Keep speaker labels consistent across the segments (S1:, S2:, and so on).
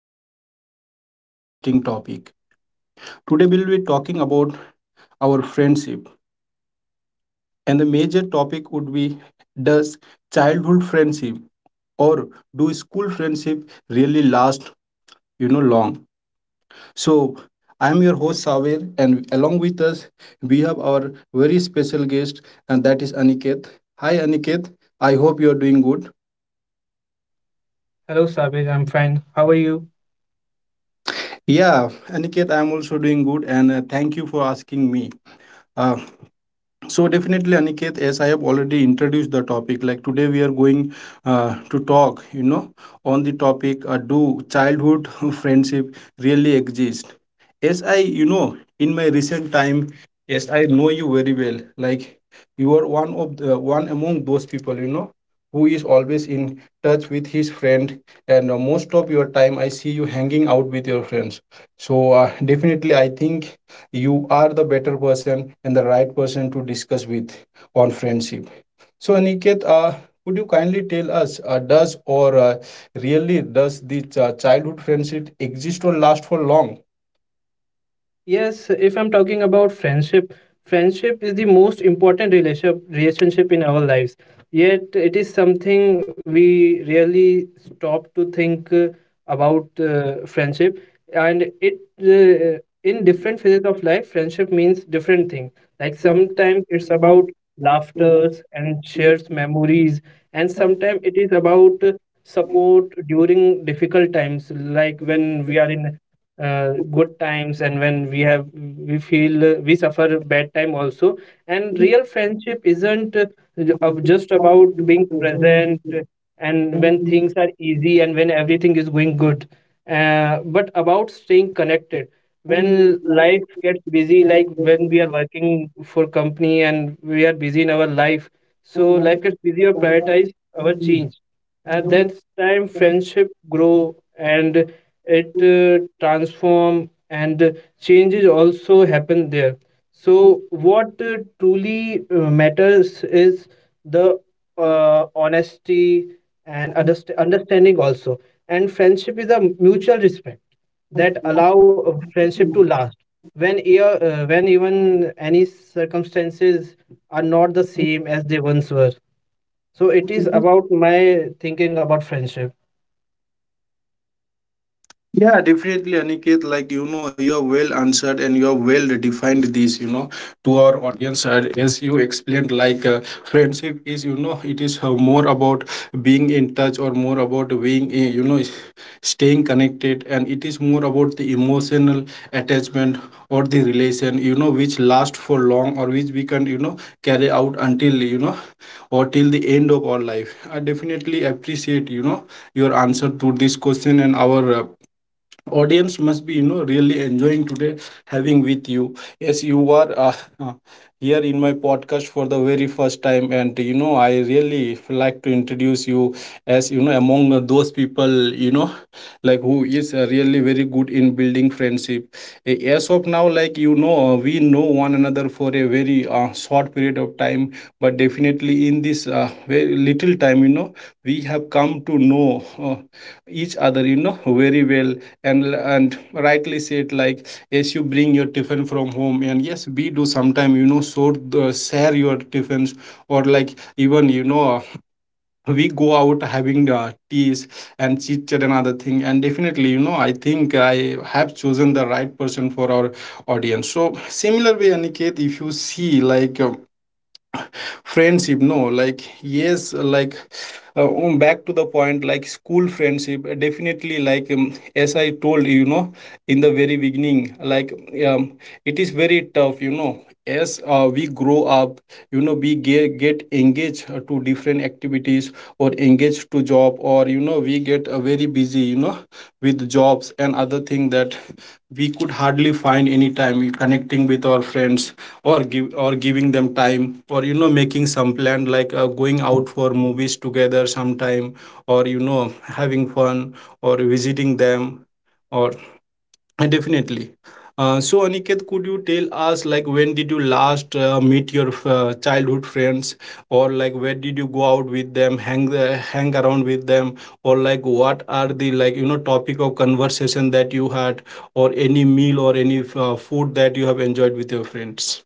S1: I have come up with a very interesting topic. Today we'll be talking about our friendship, and the major topic would be, does childhood friendship or do school friendship really last, you know, long? So I'm your host Saver, and along with us we have our very special guest, and that is Aniket. Hi Aniket, I hope you are doing good.
S2: Hello, Sabir. I'm fine. How are you?
S1: Yeah, Aniket, I'm also doing good, and thank you for asking me. Uh, so definitely, Aniket, as I have already introduced the topic, like today we are going to talk, you know, on the topic, do childhood friendship really exist? Yes, I, you know, in my recent time, yes, I know you very well. Like you are one of the one among those people, you know, who is always in touch with his friend, and most of your time I see you hanging out with your friends. So definitely, I think you are the better person and the right person to discuss with on friendship. So Aniket, could you kindly tell us, does or really does the childhood friendship exist or last for long?
S2: Yes, if I'm talking about friendship, friendship is the most important relationship in our lives. Yet it is something we really stop to think about friendship, and it uh, in different phases of life, friendship means different things. Like sometimes it's about laughters and shares memories, and sometimes it is about support during difficult times, like when we are in good times and when we feel we suffer bad time also. And real friendship isn't just about being present and when things are easy and when everything is going good, but about staying connected when life gets busy, like when we are working for company and we are busy in our life. So life gets busy or prioritize our change. At that time, friendship grow and it transform and changes also happen there. So what truly matters is the honesty and understanding also. And friendship is a mutual respect that allow a friendship to last. When even any circumstances are not the same as they once were, so it is about my thinking about friendship.
S1: Yeah, definitely, Aniket. Like you know, you're well answered and you're well defined this. You know, to our audience, as you explained, like friendship is, you know, it is more about being in touch, or more about being, you know, staying connected, and it is more about the emotional attachment or the relation, you know, which lasts for long, or which we can, you know, carry out until, you know, or till the end of our life. I definitely appreciate, you know, your answer to this question and our. Audience must be, you know, really enjoying today having with you. Yes, you are, uh, here in my podcast for the very first time, and you know, I really like to introduce you as, you know, among those people, you know, like who is really very good in building friendship. As of now, like, you know, we know one another for a very short period of time, but definitely in this very little time, you know, we have come to know each other, you know, very well. And rightly said, like, yes, you bring your tiffin from home, and yes, we do sometime, you know, so the, share your tiffins, or like, even you know, we go out having the teas and chit chat and other thing. And definitely, you know, I think I have chosen the right person for our audience. So similar way, Aniket, if you see, like, friendship, no, like, yes, like, back to the point, like school friendship, definitely, like, as I told you, you know, in the very beginning, like, um, it is very tough, you know, as we grow up, you know, we get engaged to different activities, or engaged to job, or you know, we get very busy, you know, with jobs and other thing, that we could hardly find any time we connecting with our friends, or give, or giving them time, or you know, making some plan, like going out for movies together sometime, or you know, having fun, or visiting them, or definitely so Aniket, could you tell us, like, when did you last meet your childhood friends, or like, where did you go out with them, hang hang around with them, or like, what are the, like you know, topic of conversation that you had, or any meal or any food that you have enjoyed with your friends?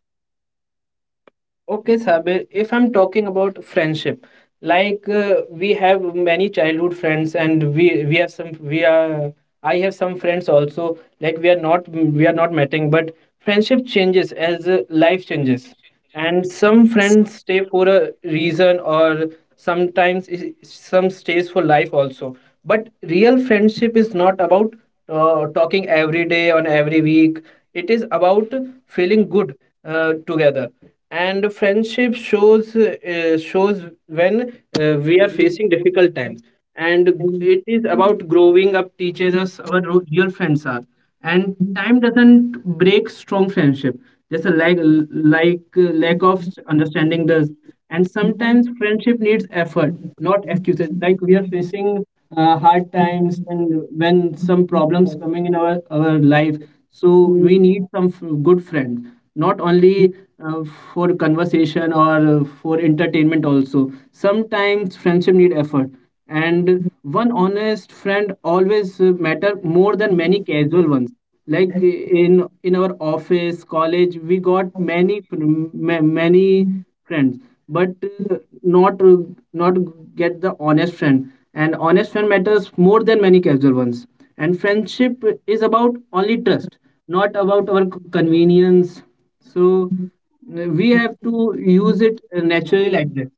S2: Okay, Sabir, if I'm talking about friendship, like we have many childhood friends, and we have some we are I have some friends also, like we are not meeting, but friendship changes as life changes. And some friends stay for a reason, or sometimes some stays for life also. But real friendship is not about talking every day on every week. It is about feeling good together. And friendship shows when we are facing difficult times. And it is about growing up, teaches us our real friends are. And time doesn't break strong friendship, just a lack, like lack of understanding does. And sometimes friendship needs effort, not excuses, like we are facing hard times and when some problems coming in our life. So we need some good friends, not only uh, for conversation or for entertainment. Also sometimes friendship need effort, and one honest friend always matter more than many casual ones. Like in our office college, we got many many friends, but uh, not uh, not get the honest friend. And honest friend matters more than many casual ones. And friendship is about only trust, not about our convenience. So we have to use it naturally like that.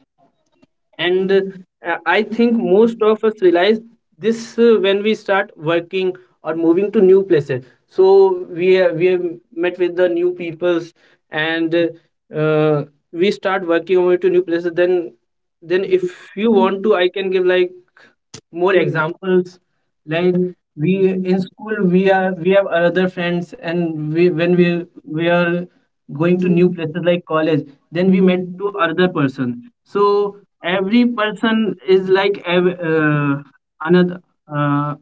S2: And I think most of us realize this when we start working or moving to new places. So we have met with the new peoples. And uh, we start working over to new places. Then if you want to, I can give like more examples. Like we in school, we have other friends, and we when we are going to new places like college, then we met to other person. So every person is like another, uh,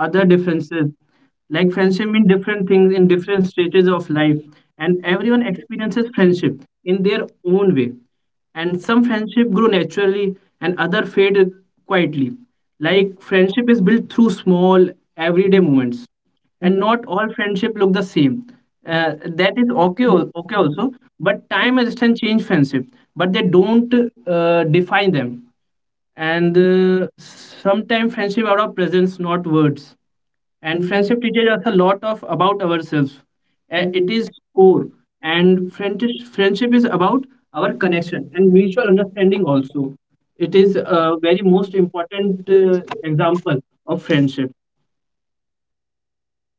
S2: other differences. Like friendship mean different things in different stages of life, and everyone experiences friendship in their own way. And some friendship grow naturally, and other fade quietly. Like friendship is built through small everyday moments, and not all friendship look the same. Uh, that is okay, okay also. But time and distance change friendship, but they don't define them. And sometimes friendship out of presence, not words. And friendship teaches us a lot of about ourselves. It is core. And friendship is about our connection and mutual understanding also. It is a very most important example of friendship.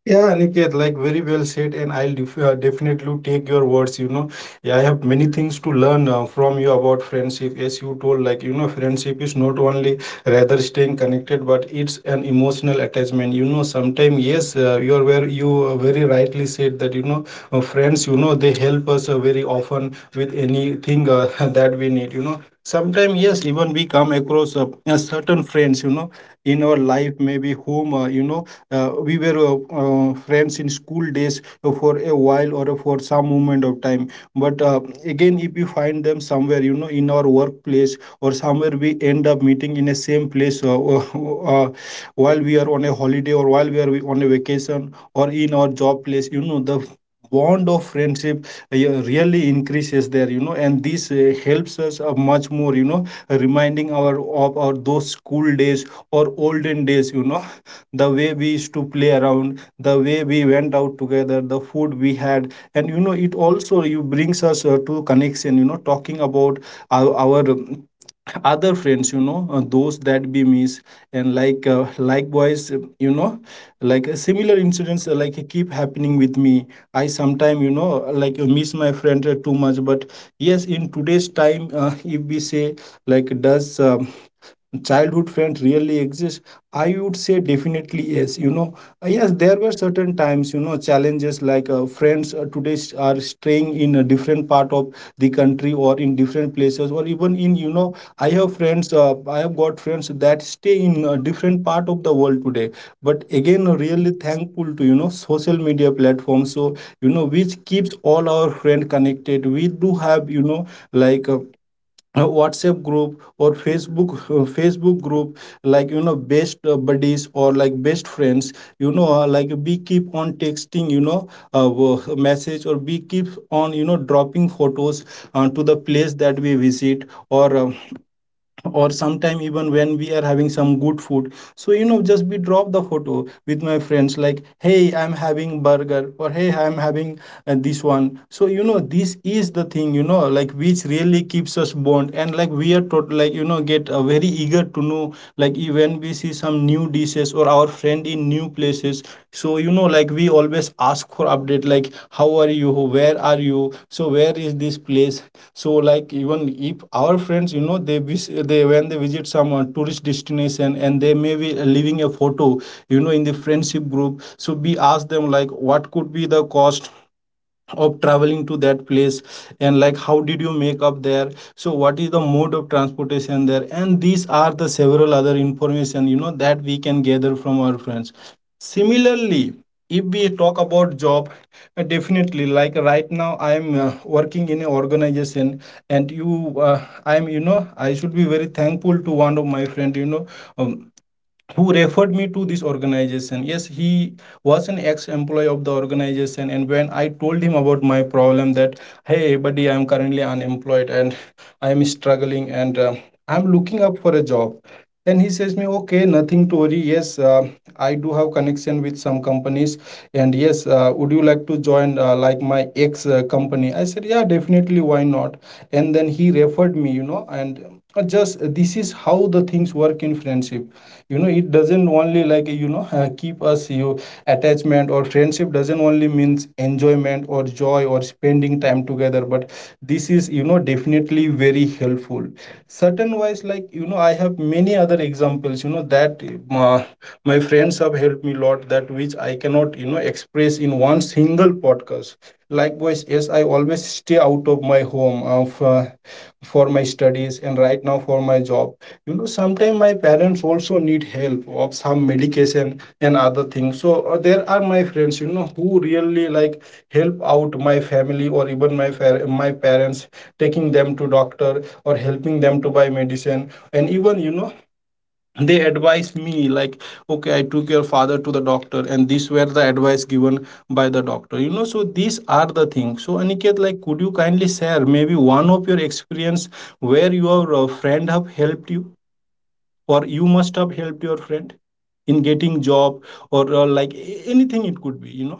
S1: Yeah, Aniket, like very well said, and I'll definitely take your words. You know, yeah, I have many things to learn from you about friendship. As you told, like, you know, friendship is not only rather staying connected, but it's an emotional attachment. You know, sometimes, yes, you're where you very rightly said that, you know, friends, you know, they help us very often with anything that we need, you know. Sometimes, yes, even we come across a certain friends, you know, in our life, maybe whom, you know, we were friends in school days for a while, or for some moment of time. But again, if you find them somewhere, you know, in our workplace, or somewhere we end up meeting in a same place, uh, while we are on a holiday, or while we are on a vacation, or in our job place, you know, the bond of friendship, yeah, really increases there, you know. And this helps us much more, you know, reminding our of our those school days or olden days, you know, the way we used to play around, the way we went out together, the food we had. And you know, it also you brings us to connection, you know, talking about our other friends, you know, those that we miss. And like likewise, you know, like similar incidents, keep happening with me. I sometime, you know, like miss my friend too much. But yes, in today's time, if we say, like, does childhood friends really exist, I would say definitely yes, you know. Yes, there were certain times, you know, challenges, like friends are staying in a different part of the country, or in different places, or even in, you know, I have got friends that stay in a different part of the world today. But again, really thankful to, you know, social media platforms, so you know, which keeps all our friend connected. We do have, you know, like WhatsApp group, or Facebook, Facebook group, like you know, best buddies, or like best friends, you know, like we keep on texting, you know, message, or we keep on, you know, dropping photos to the place that we visit, or sometime even when we are having some good food. So you know, just we drop the photo with my friends, like, hey, I'm having burger, or hey, I'm having this one. So you know, this is the thing, you know, like which really keeps us bond. And like we are like you know, get very eager to know, like when we see some new dishes, or our friend in new places. So you know, like we always ask for update, like, how are you, where are you, so where is this place. So like, even if our friends, you know, they when they visit some tourist destination, and they may be leaving a photo, you know, in the friendship group, so we ask them, like, what could be the cost of traveling to that place, and like, how did you make up there, so what is the mode of transportation there. And these are the several other information, you know, that we can gather from our friends. Similarly, if we talk about job, definitely, like, right now I am working in an organization. And you I am, you know, I should be very thankful to one of my friend, you know, um, who referred me to this organization. Yes, he was an ex-employee of the organization, and when I told him about my problem, that, hey, buddy, I'm currently unemployed, and I'm struggling, and I'm looking up for a job. Then he says me, okay, nothing to worry. Yes, I do have connection with some companies, and yes, would you like to join, like, my ex company? I said, yeah, definitely, why not? And then he referred me, you know. And just this is how the things work in friendship. You know, it doesn't only, like, you know, keep us you attachment, or friendship doesn't only means enjoyment or joy or spending time together, but this is, you know, definitely very helpful certain wise. Like, you know, I have many other examples, you know, that uh, my friends have helped me a lot, that which I cannot, you know, express in one single podcast. Likewise, yes, I always stay out of my home, for my studies and right now for my job. You know, sometimes my parents also need help of some medication and other things. So there are my friends, you know, who really like help out my family, or even my my parents, taking them to doctor or helping them to buy medicine. And even, you know, they advise me like, okay, I took your father to the doctor, and these were the advice given by the doctor. You know, so these are the things. So Aniket, like, could you kindly share maybe one of your experience where your friend have helped you? Or you must have helped your friend in getting job, or like anything, it could be, you know.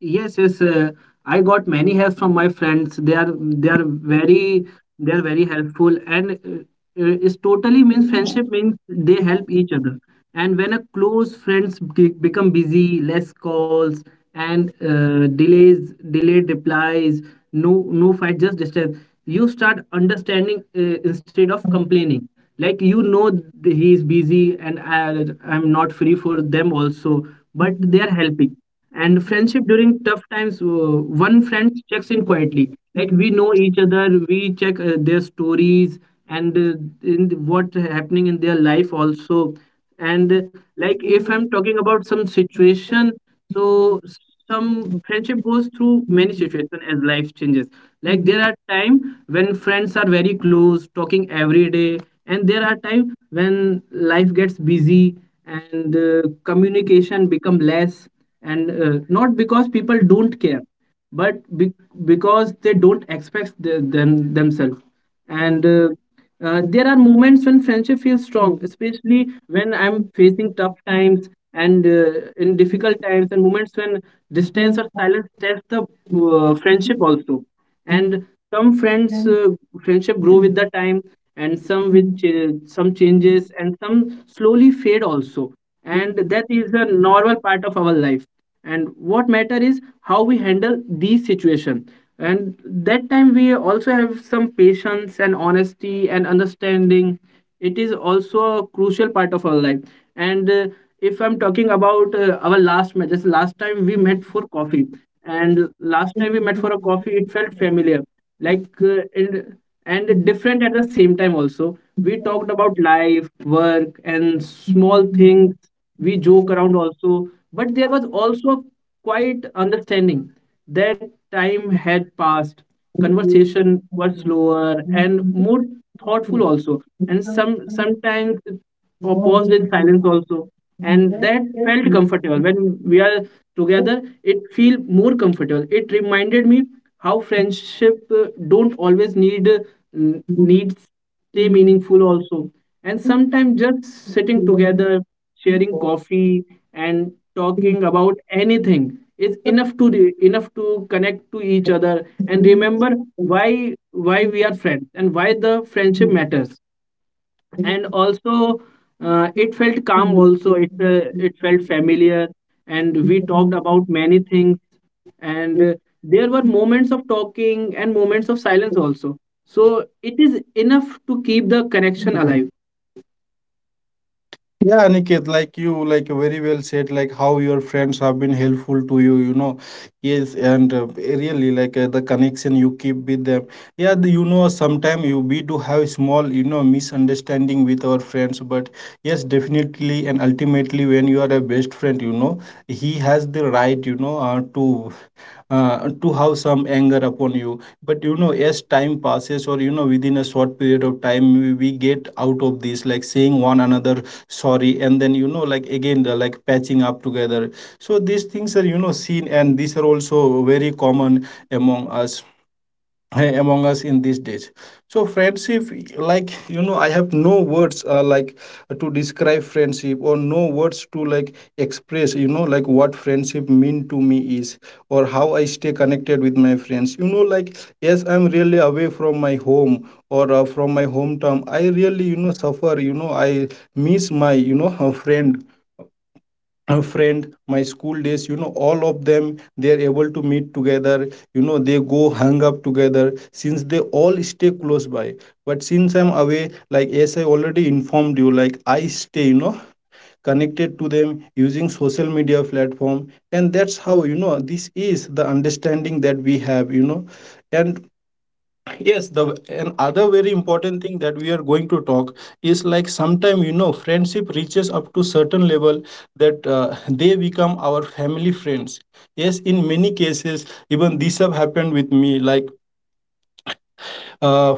S2: Yes, yes. I got many help from my friends. They are very helpful, and it's totally means friendship means they help each other. And when a close friends become busy, less calls and delayed replies, no fight, just distance. You start understanding instead of complaining. Like you know, he is busy and I'm not free for them also, but they are helping. And friendship during tough times, one friend checks in quietly. Like we know each other, we check their stories and in what happening in their life also. And like if I'm talking about some situation, so some friendship goes through many situations as life changes. Like there are time when friends are very close, talking every day, and there are time when life gets busy and communication become less, and not because people don't care but because they don't expect them themselves. And there are moments when friendship feels strong, especially when I'm facing tough times and in difficult times, and moments when distance or silence test the friendship also. And some friendship grow with the time, and some with some changes, and some slowly fade also. And that is a normal part of our life. And what matter is how we handle these situation, and that time we also have some patience and honesty and understanding. It is also a crucial part of our life. And if I'm talking about our last match, just last time we met for coffee, and last time we met for a coffee, it felt familiar. Like and different at the same time also, we talked about life, work, and small things. We joke around also, but there was also quite understanding that time had passed. Conversation was slower and more thoughtful also, and sometimes paused in silence also. And that felt comfortable. When we are together, it feel more comfortable. It reminded me how friendship don't always need, needs stay meaningful also. And sometimes just sitting together, sharing coffee, and talking about anything is enough to enough to connect to each other and remember why we are friends and why the friendship matters. And also, it felt calm also, it felt familiar, and we talked about many things. And there were moments of talking and moments of silence also, so it is enough to keep the connection alive.
S1: Yeah, Aniket, like, you like very well said like how your friends have been helpful to you, you know. Yes, and really like the connection you keep with them. Yeah, the, you know, sometimes you, we do have small, you know, misunderstanding with our friends, but yes, definitely. And ultimately, when you are a best friend, you know, he has the right, you know, to have some anger upon you, but you know, as time passes, or you know, within a short period of time, we get out of this, like saying one another sorry, and then you know, like again the, like patching up together. So these things are, you know, seen, and these are also very common among us. Hey, among us in these days. So friendship, like you know, I have no words, like to describe friendship, or no words to like express, you know, like what friendship mean to me is, or how I stay connected with my friends, you know. Like, yes, I'm really away from my home, or from my hometown, I really, you know, suffer, you know, I miss my, you know, friend, a friend, my school days, you know, all of them, they are able to meet together, you know, they go hang up together since they all stay close by. But since I'm away, like as I already informed you, like I stay, you know, connected to them using social media platform, and that's how, you know, this is the understanding that we have, you know. And yes, the another very important thing that we are going to talk is like, sometime you know, friendship reaches up to certain level that they become our family friends. Yes, in many cases, even this have happened with me, like, uh,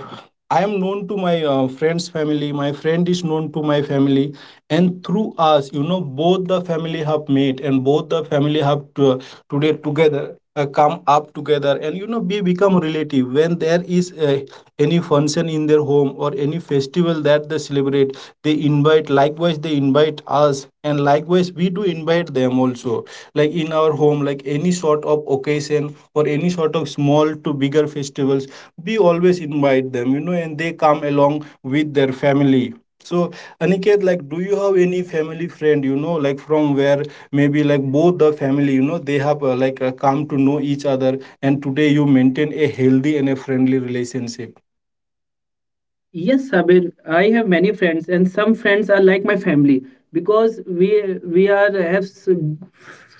S1: I am known to my friend's family. My friend is known to my family, and through us, you know, both the family have met, and both the family have to, today together come up together, and you know, we become relative when there is any function in their home or any festival that they celebrate. They invite, likewise, they invite us, and likewise, we do invite them also. Like in our home, like any sort of occasion or any sort of small to bigger festivals, we always invite them, you know, and they come along with their family. So Aniket, like, do you have any family friend, you know, like from where maybe like both the family, you know, they have like come to know each other, and today you maintain a healthy and a friendly relationship?
S2: Yes, Sabir, I have many friends, and some friends are like my family, because we are have s-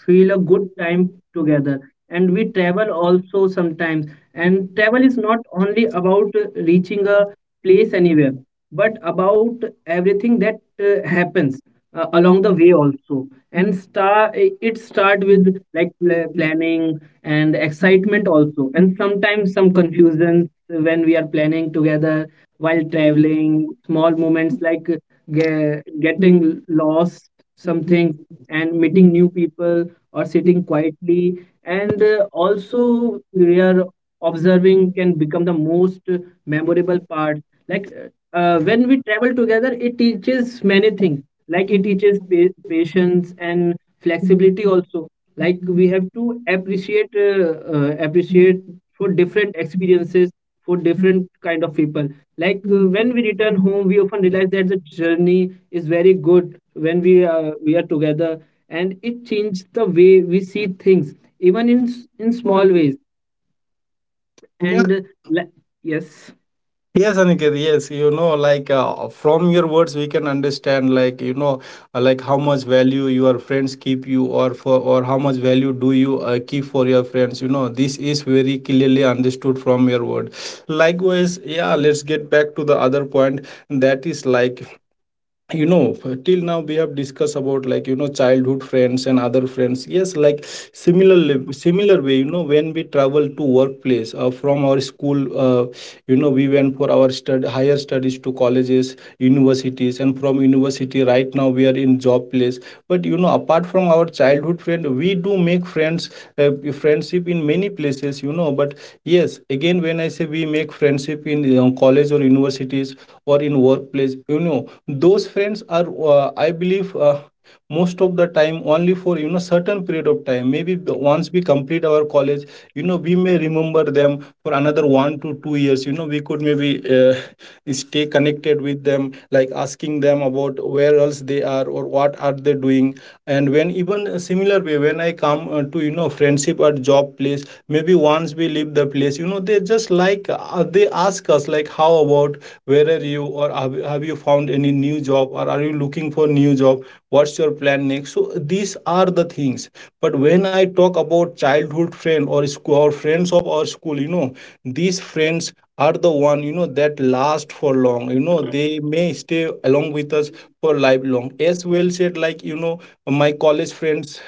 S2: feel a good time together, and we travel also sometimes. And travel is not only about reaching a place anywhere, but about everything that happens along the way also. And start with like planning and excitement also, and sometimes some confusion when we are planning together. While traveling, small moments like getting lost something, and meeting new people, or sitting quietly, and also we are observing, can become the most memorable part. Like when we travel together, it teaches many things. Like it teaches patience and flexibility also. Like we have to appreciate appreciate for different experiences, for different kind of people. Like when we return home, we often realize that the journey is very good when we are together, and it changed the way we see things even in in small ways. And le- yes.
S1: Yes, Aniket, yes, you know, like from your words, we can understand, like, you know, like how much value your friends keep you or for, or how much value do you keep for your friends. You know, this is very clearly understood from your word. Likewise, yeah, let's get back to the other point. That is like, you know, till now we have discussed about, like you know, childhood friends and other friends. Yes, like similar, similar way you know, when we travel to workplace from our school, uh, you know, we went for our higher studies to colleges, universities, and from university, right now we are in job place. But you know, apart from our childhood friend, we do make friends, friendship in many places, you know. But yes, again, when I say we make friendship in college or universities or in workplace, you know, those friends are I believe most of the time only for, you know, certain period of time, maybe once we complete our college, you know, we may remember them for another 1 to 2 years, you know. We could maybe stay connected with them, like asking them about where else they are or what are they doing. And when, even a similar way, when I come to, you know, friendship or job place, maybe once we leave the place, you know, they just like they ask us like, how about, where are you, or have you found any new job, or are you looking for new job, what's your plan next? So these are the things. But when I talk about childhood friend or school or friends of our school, you know, these friends are the one, you know, that last for long. You know, they may stay along with us for lifelong, as well said, like you know, my college friends,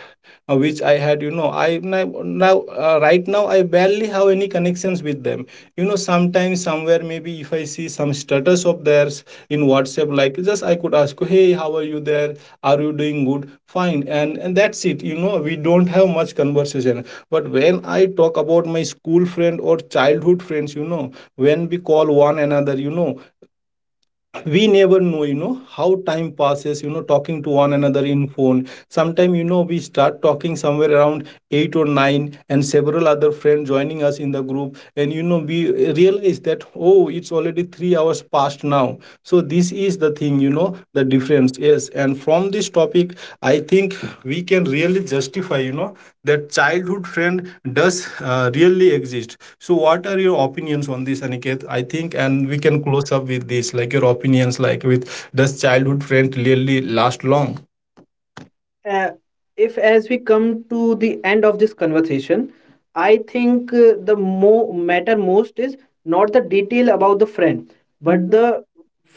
S1: which I had, you know, I now, now right now I barely have any connections with them. You know, sometimes, somewhere, maybe if I see some status of theirs in WhatsApp, like just I could ask, hey, how are you there? Are you doing good? Fine, and that's it. You know, we don't have much conversation. But when I talk about my school friend or childhood friends, you know, when we call one another, you know, we never know, you know, how time passes. You know, talking to one another in phone. Sometime, you know, we start talking somewhere around eight or nine, and several other friends joining us in the group. And, you know, we realize that, oh, it's already 3 hours past now. So, this is the thing, you know, the difference. Yes. And from this topic, I think we can really justify, you know, that childhood friend does really exist. So, what are your opinions on this, Aniket? I think, and we can close up with this, like your opinions, like with, does childhood friend really last long?
S2: uh, if as we come to the end of this conversation, I think the matter most is not the detail about the friend, but the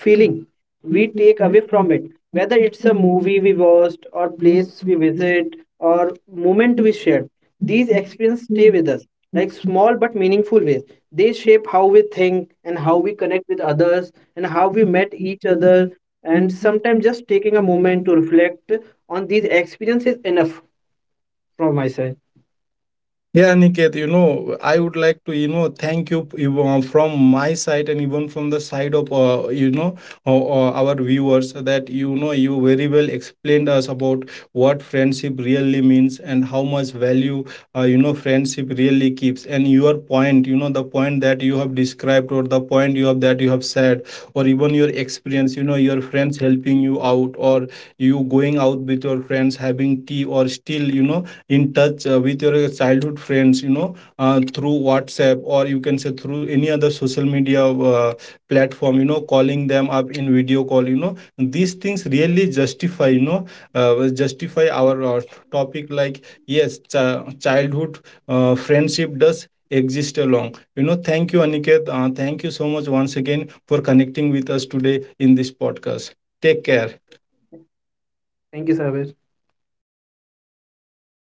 S2: feeling we take away from it. Whether it's a movie we watched, or place we visit, or moment we shared, these experiences stay with us like small but meaningful ways. They shape how we think and how we connect with others, and how we met each other. And sometimes just taking a moment to reflect on these experiences enough. From my side,
S1: Yeah, Niket, you know, I would like to, you know, thank you, from my side and even from the side of, you know, our viewers, that, you know, you very well explained us about what friendship really means and how much value, you know, friendship really keeps. And your point, you know, the point that you have described or the point you have that you have said or even your experience, you know, your friends helping you out, or you going out with your friends having tea, or still, you know, in touch with your childhood friends, you know, through WhatsApp, or you can say through any other social media platform, you know, calling them up in video call, you know, these things really justify, you know, justify our topic. Like, yes, childhood friendship does exist along, you know. Thank you, Aniket, thank you so much once again for connecting with us today in this podcast. Take
S2: thank you,
S1: care.
S2: sir.